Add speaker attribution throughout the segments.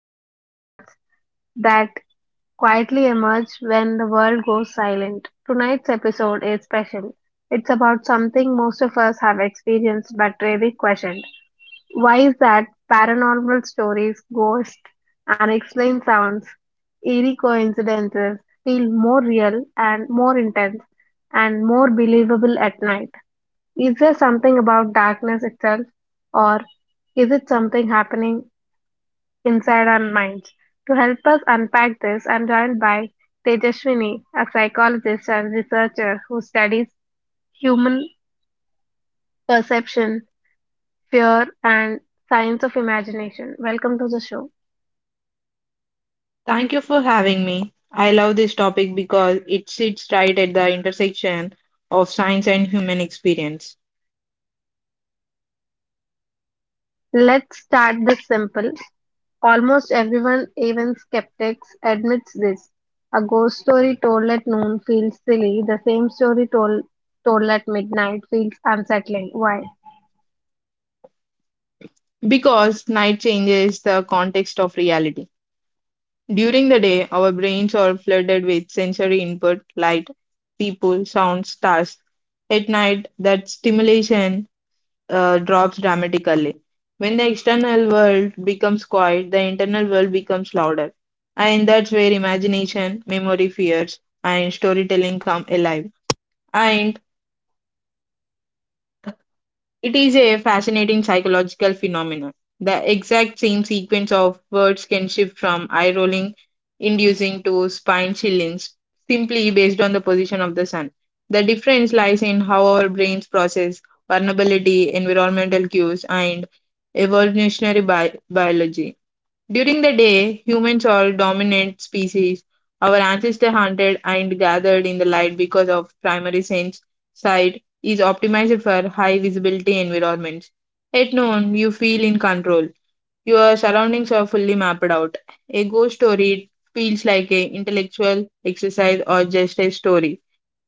Speaker 1: explore the thoughts that quietly emerge when the world goes silent. Tonight's episode is special. It's about something most of us have experienced but rarely questioned. Why is that? Paranormal stories, ghosts, unexplained sounds, eerie coincidences feel more real and more intense and more believable at night. Is there something about darkness itself, or is it something happening inside our minds? To help us unpack this, I'm joined by Tejaswini, a psychologist and researcher who studies human perception, fear, and science of imagination. Welcome to the show.
Speaker 2: Thank you for having me. I love this topic because it sits right at the intersection of science and human experience.
Speaker 1: Let's start this simple. Almost everyone, even skeptics, admits this. A ghost story told at noon feels silly. The same story told at midnight feels unsettling. Why?
Speaker 2: Because night changes the context of reality. During the day, our brains are flooded with sensory input, light, people, sounds, stars. At night, that stimulation drops dramatically. When the external world becomes quiet, the internal world becomes louder. And that's where imagination, memory, fears, and storytelling come alive. And It is a fascinating psychological phenomenon. The exact same sequence of words can shift from eye rolling inducing to spine chilling simply based on the position of the sun. The difference lies in how our brains process vulnerability, environmental cues, and evolutionary biology. During the day, humans are dominant species. Our ancestors hunted and gathered in the light because of primary sense sight is optimized for high visibility environments. At noon, you feel in control. Your surroundings are fully mapped out. A ghost story feels like an intellectual exercise or just a story.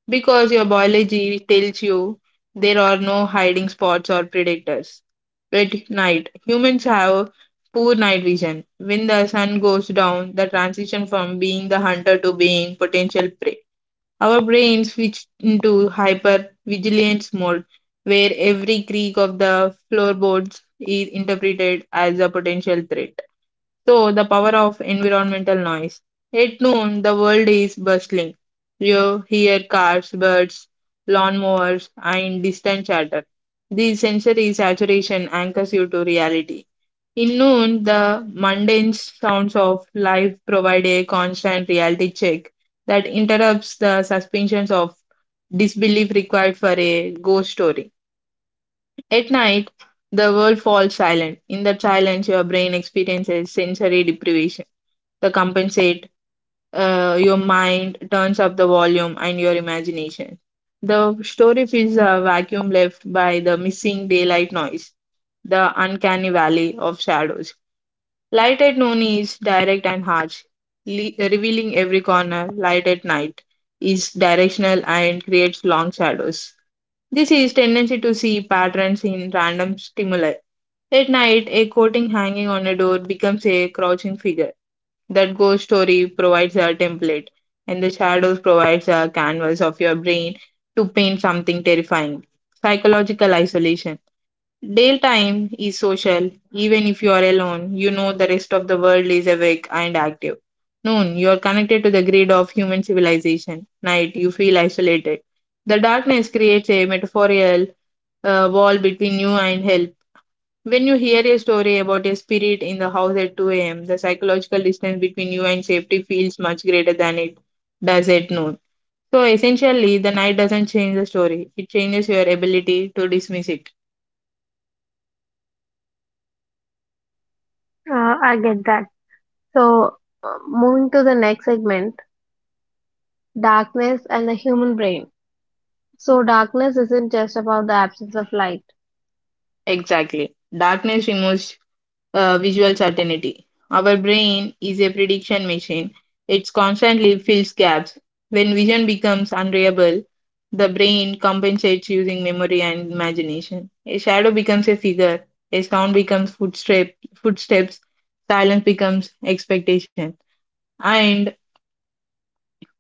Speaker 2: Because your biology tells you there are no hiding spots or predators. At night, humans have poor night vision. When the sun goes down, the transition from being the hunter to being potential prey. Our brains switch into hypervigilance mode, where every creak of the floorboards is interpreted as a potential threat. So, the power of environmental noise. At noon, the world is bustling. You hear cars, birds, lawnmowers, and distant chatter. The sensory saturation anchors you to reality. In noon, the mundane sounds of life provide a constant reality check that interrupts the suspensions of disbelief required for a ghost story. At night, the world falls silent. In that silence, your brain experiences sensory deprivation. To compensate, your mind turns up the volume and your imagination. The story fills a vacuum left by the missing daylight noise, the uncanny valley of shadows. Light at noon is direct and harsh, revealing every corner. Light at night is directional and creates long shadows. This is tendency to see patterns in random stimuli. At night, a coating hanging on a door becomes a crouching figure. That ghost story provides a template, and the shadows provides a canvas of your brain to paint something terrifying. Psychological isolation. Daytime is social. Even if you are alone, you know the rest of the world is awake and active. Noon, you are connected to the grid of human civilization. Night, you feel isolated. The darkness creates a metaphorical wall between you and help. When you hear a story about a spirit in the house at 2 a.m., the psychological distance between you and safety feels much greater than it does at noon. So essentially, the night doesn't change the story, it changes your ability to dismiss it.
Speaker 1: I get that. So, moving to the next segment, darkness and the human brain. So, darkness isn't just about the absence of light.
Speaker 2: Exactly. Darkness removes visual certainty. Our brain is a prediction machine. It constantly fills gaps. When vision becomes unreliable, the brain compensates using memory and imagination. A shadow becomes a figure, a sound becomes footstep, footsteps, silence becomes expectation. And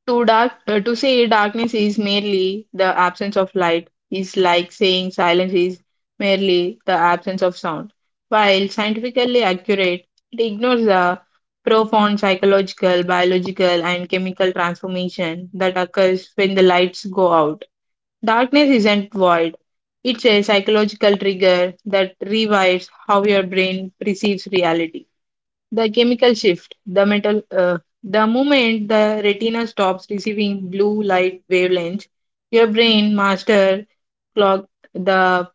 Speaker 2: to say darkness is merely the absence of light is like saying silence is merely the absence of sound. While scientifically accurate, it ignores the profound psychological, biological, and chemical transformation that occurs when the lights go out. Darkness isn't void. It's a psychological trigger that rewires how your brain perceives reality. The chemical shift, the moment the retina stops receiving blue light wavelengths, your brain master clock the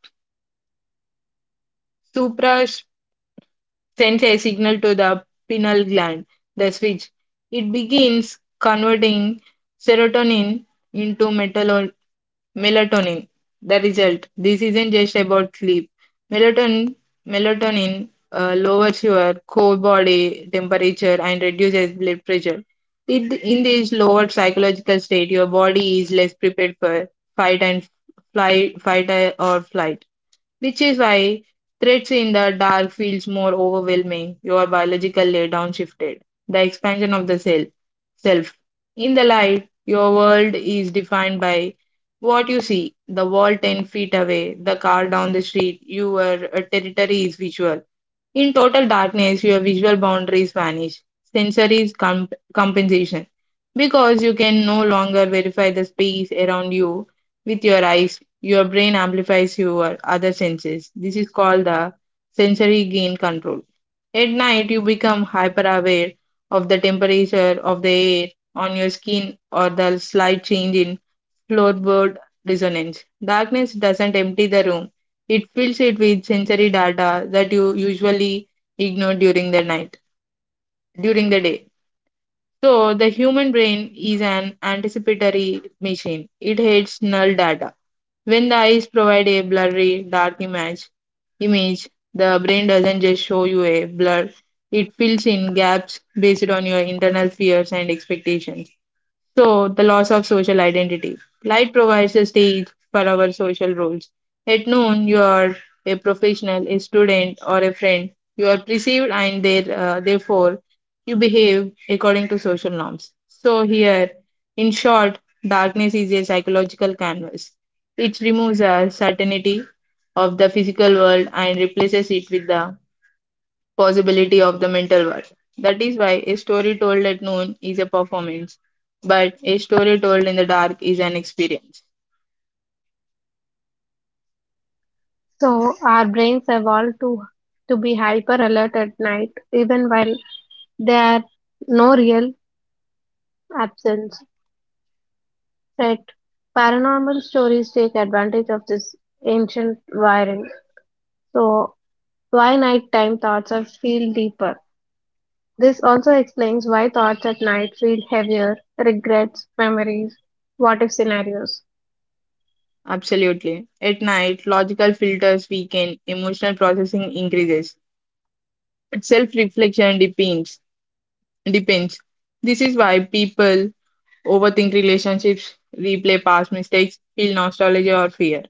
Speaker 2: supra sends a signal to the pineal gland, the switch. It begins converting serotonin into metal Melatonin. The result. This isn't just about sleep. Melatonin melatonin lowers your core body temperature and reduces blood pressure. It, in this lower psychological state, your body is less prepared for fight and flight, fight or flight which is why threats in the dark feels more overwhelming. Your biological laydown shifted. The expansion of the self. Self. In the light, your world is defined by what you see. The wall 10 feet away, the car down the street. Your territory is visual. In total darkness, your visual boundaries vanish, sensory compensation, because you can no longer verify the space around you with your eyes. Your brain amplifies your other senses. This is called the sensory gain control. At night, you become hyper aware of the temperature of the air on your skin or the slight change in floorboard resonance. Darkness doesn't empty the room, it fills it with sensory data that you usually ignore during the day. So, the human brain is an anticipatory machine, it hates null data when the eyes provide a blurry, dark image, the brain doesn't just show you a blur, it fills in gaps based on your internal fears and expectations. So, the loss of social identity. Light provides a stage for our social roles. At noon, you are a professional, a student, or a friend. You are perceived and therefore you behave according to social norms. So, here, in short, darkness is a psychological canvas. It removes our certainty of the physical world and replaces it with the possibility of the mental world. That is why a story told at noon is a performance, but a story told in the dark is an experience.
Speaker 1: So, our brains evolved to be hyper alert at night, even while there are no real absence. Right. Paranormal stories take advantage of this ancient wiring. So, why nighttime thoughts are feel deeper. This also explains why thoughts at night feel heavier, regrets, memories, what if scenarios.
Speaker 2: Absolutely. At night, logical filters weaken, emotional processing increases, self reflection depends. Depends. This is why people Overthink relationships, replay past mistakes, feel nostalgia or fear.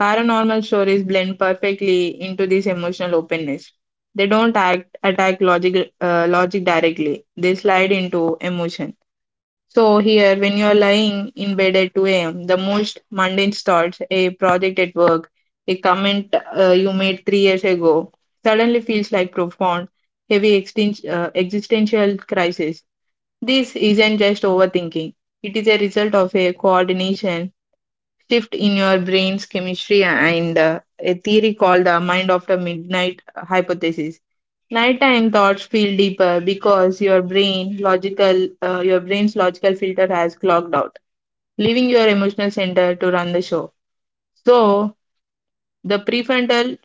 Speaker 2: Paranormal stories blend perfectly into this emotional openness. They don't act attack logic logic directly. They slide into emotion. So here, when you're lying in bed at 2 a.m., the most mundane thoughts, a project at work, a comment you made 3 years ago, suddenly feels like profound, heavy existential crisis. This isn't just overthinking, it is a result of a coordination shift in your brain's chemistry and a theory called the mind after midnight hypothesis. Nighttime thoughts feel deeper because your brain's logical filter has clogged out, leaving your emotional center to run the show. So the prefrontal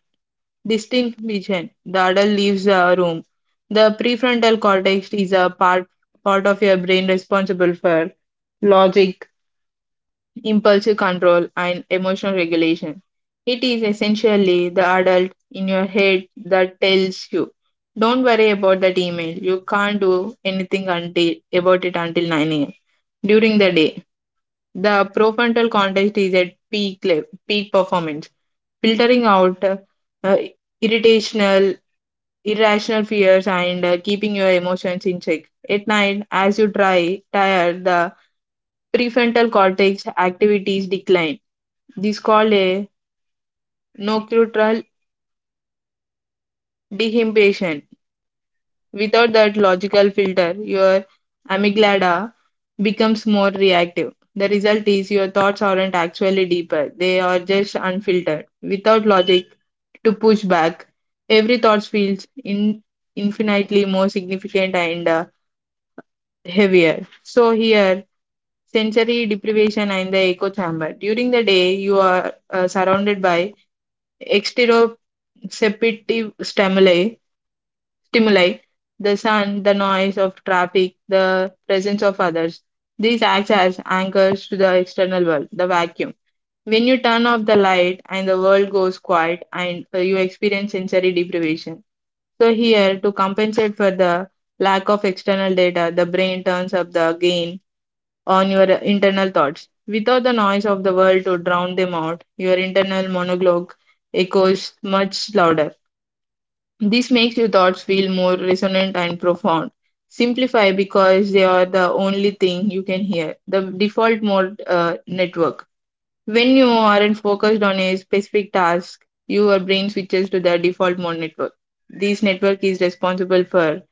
Speaker 2: distinct vision. The adult leaves the room. The prefrontal cortex is a part of your brain responsible for logic, impulsive control, and emotional regulation. It is essentially the adult in your head that tells you, "Don't worry about that email. You can't do anything until about it until 9 a.m." During the day, the prefrontal cortex is at peak performance, filtering out irritational irrational fears and keeping your emotions in check. At night, as you try tire, the prefrontal cortex activities decline. This is called a nocultural dehibition. Without that logical filter, your amygdala becomes more reactive. The result is your thoughts aren't actually deeper, they are just unfiltered. Without logic to push back, every thought infinitely more significant and heavier. So here, sensory deprivation and the echo chamber. During the day, you are surrounded by exteroceptive stimuli, stimuli, the sun, the noise of traffic, the presence of others. These acts as anchors to the external world, the vacuum. When you turn off the light and the world goes quiet and you experience sensory deprivation. So here, to compensate for the lack of external data, the brain turns up the gain on your internal thoughts. Without the noise of the world to drown them out, your internal monologue echoes much louder. This makes your thoughts feel more resonant and profound. Simplify because they are the only thing you can hear. The default mode network. When you aren't focused on a specific task, your brain switches to the default mode network. This network is responsible for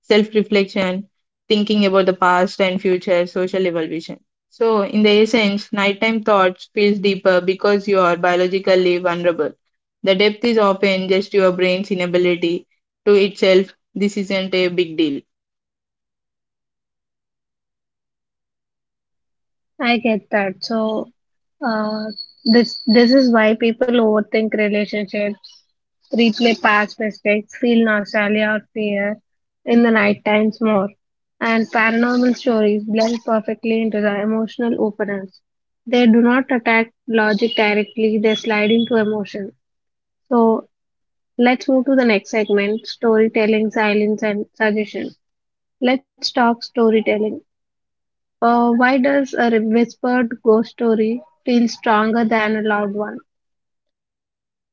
Speaker 2: self reflection, thinking about the past and future, social evolution. So, in the essence, nighttime thoughts feels deeper because you are biologically vulnerable. The depth is often just your brain's inability to itself. This isn't a big deal.
Speaker 1: I get that. So, uh, this is why people overthink relationships, replay past mistakes, feel nostalgia or fear in the night times more, and paranormal stories blend perfectly into the emotional openness. They do not attack logic directly; they slide into emotion. So, let's move to the next segment: storytelling, silence, and suggestion. Let's talk storytelling. Why does a whispered ghost story feel stronger than a loud one?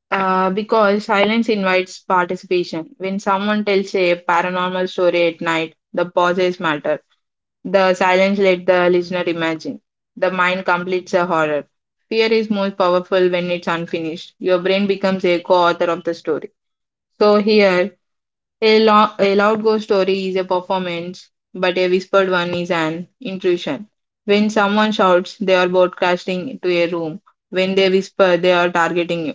Speaker 2: Because silence invites participation. When someone tells a paranormal story at night, the pauses matter The silence let the listener imagine. The mind completes a horror. Fear is most powerful when it's unfinished. Your brain becomes a co author of the story. So, here a loud ghost story is a performance, but a whispered one is an intrusion. When someone shouts, they are broadcasting into a room. When they whisper, they are targeting you.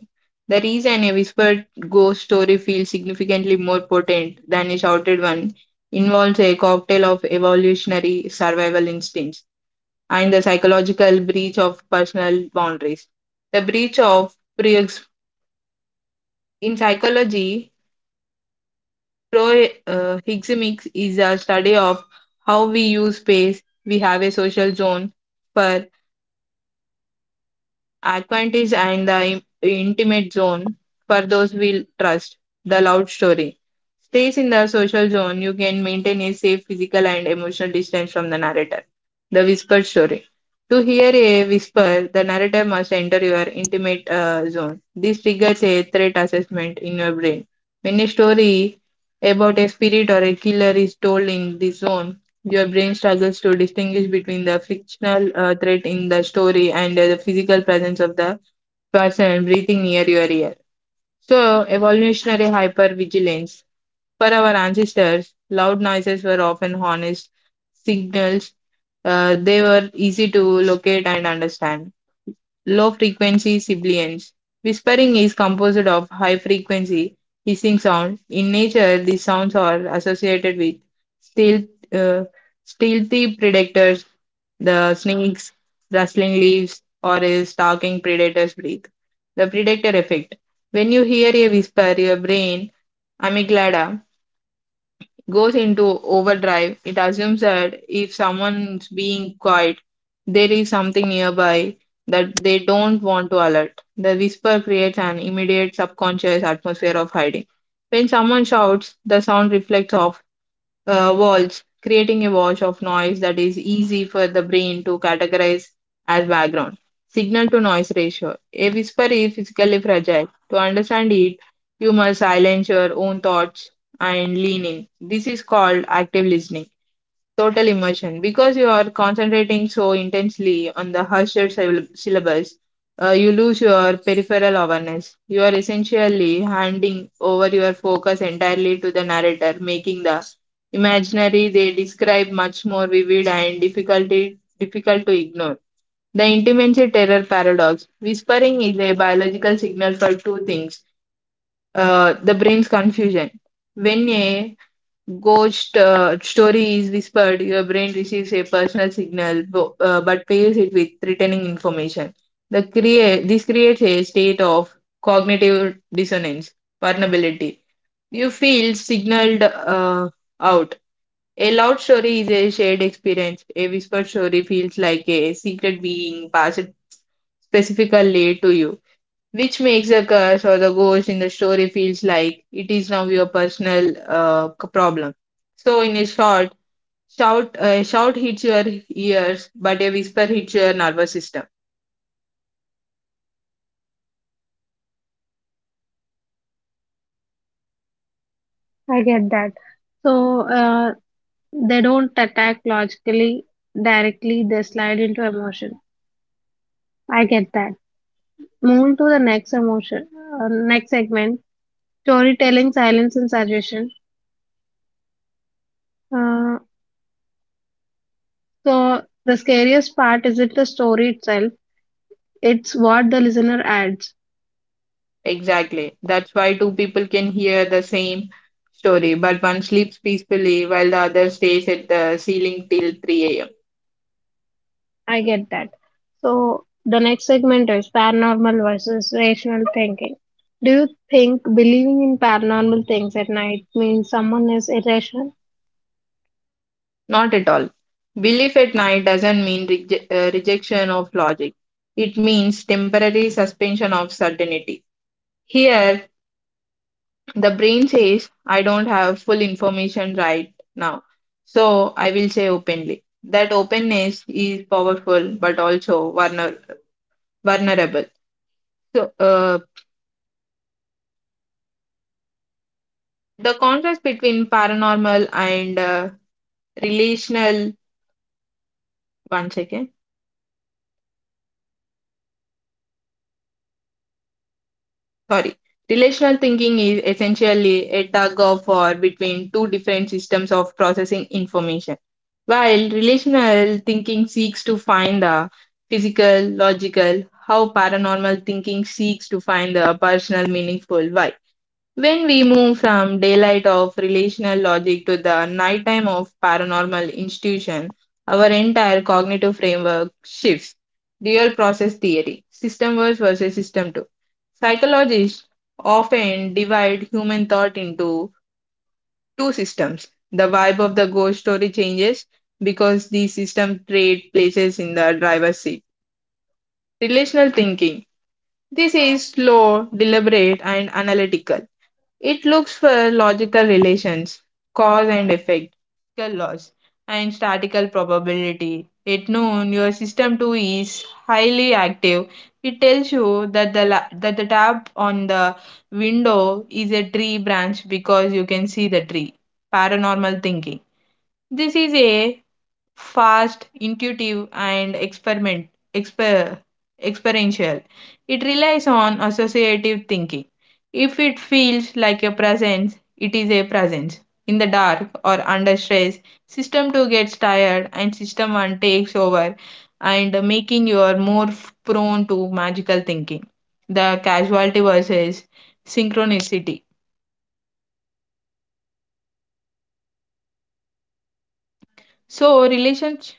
Speaker 2: The reason a whispered ghost story feels significantly more potent than a shouted one involves a cocktail of evolutionary survival instincts and the psychological breach of personal boundaries. The breach of pre- In psychology, Proxemics is a study of how we use space. We have a social zone for Aquantis and the intimate zone for those we trust. The loud story. Stays in the social zone, you can maintain a safe physical and emotional distance from the narrator. The whispered story. To hear a whisper, the narrator must enter your intimate zone. This triggers a threat assessment in your brain. When a story about a spirit or a killer is told in this zone, your brain struggles to distinguish between the fictional threat in the story and the physical presence of the person breathing near your ear. So, evolutionary hypervigilance. For our ancestors, loud noises were often honest signals. They were easy to locate and understand. Low frequency sibilance. Whispering is composed of high frequency hissing sound. In nature, these sounds are associated with stealth, uh, stealthy predators, the snakes, rustling leaves, or a stalking predator's breath. The predator effect. When you hear a whisper, your brain amygdala goes into overdrive. It assumes that if someone's being quiet, there is something nearby that they don't want to alert. The whisper creates an immediate subconscious atmosphere of hiding. When someone shouts, the sound reflects off walls, creating a wash of noise that is easy for the brain to categorize as background. Signal to noise ratio. A whisper is physically fragile. To understand it, you must silence your own thoughts and lean in. This is called active listening. Total immersion. Because you are concentrating so intensely on the harsher syllables, you lose your peripheral awareness. You are essentially handing over your focus entirely to the narrator, making the imaginary they describe much more vivid and difficult to ignore. The intimacy terror paradox. Whispering is a biological signal for two things the brain's confusion. When a Ghost story is whispered. Your brain receives a personal signal, but pairs it with threatening information. The create this creates a state of cognitive dissonance, vulnerability. You feel signaled out. A loud story is a shared experience. A whispered story feels like a secret being passed specifically to you, which makes the curse or the ghost in the story feels like it is now your personal problem. So, in a short, shout a shout hits your ears, but a whisper hits your nervous system.
Speaker 1: I get that. So uh, they don't attack logically directly; they slide into emotion. I get that. Moving to the next emotion, next segment: storytelling, silence, and suggestion. Uh, so the scariest part isn't the story itself; it's what the listener adds.
Speaker 2: Exactly. That's why two people can hear the same story, but one sleeps peacefully while the other stays at the ceiling till 3 a.m.
Speaker 1: I get that. So the next segment is paranormal versus rational thinking. Do you think believing in paranormal things at night means someone is irrational?
Speaker 2: Not at all. Belief at night doesn't mean rejection of logic. It means temporary suspension of certainty. Here, the brain says, I don't have full information right now, so I will say openly. That openness is powerful but also vulnerable. So, uh, the contrast between paranormal and relational, one second, sorry, relational thinking is essentially a tug of war between two different systems of processing information. While relational thinking seeks to find the physical logical how, paranormal thinking seeks to find the personal meaningful why. When we move from daylight of relational logic to the nighttime of paranormal institution, our entire cognitive framework shifts. Dual process theory, system one versus system two. Psychologists often divide human thought into two systems. The vibe of the ghost story changes because the system trade places in the driver's seat. Relational thinking. This is slow, deliberate, and analytical. It looks for logical relations, cause and effect, statistical laws, and statistical probability. At noon, your system 2 is highly active. It tells you that that the tap on the window is a tree branch because you can see the tree. Paranormal thinking. This is a fast, intuitive, and exper, experiential. It relies on associative thinking. If it feels like a presence, it is a presence. In the dark or under stress, system 2 gets tired and system 1 takes over and making you are more prone to magical thinking. The casualty versus synchronicity. So relations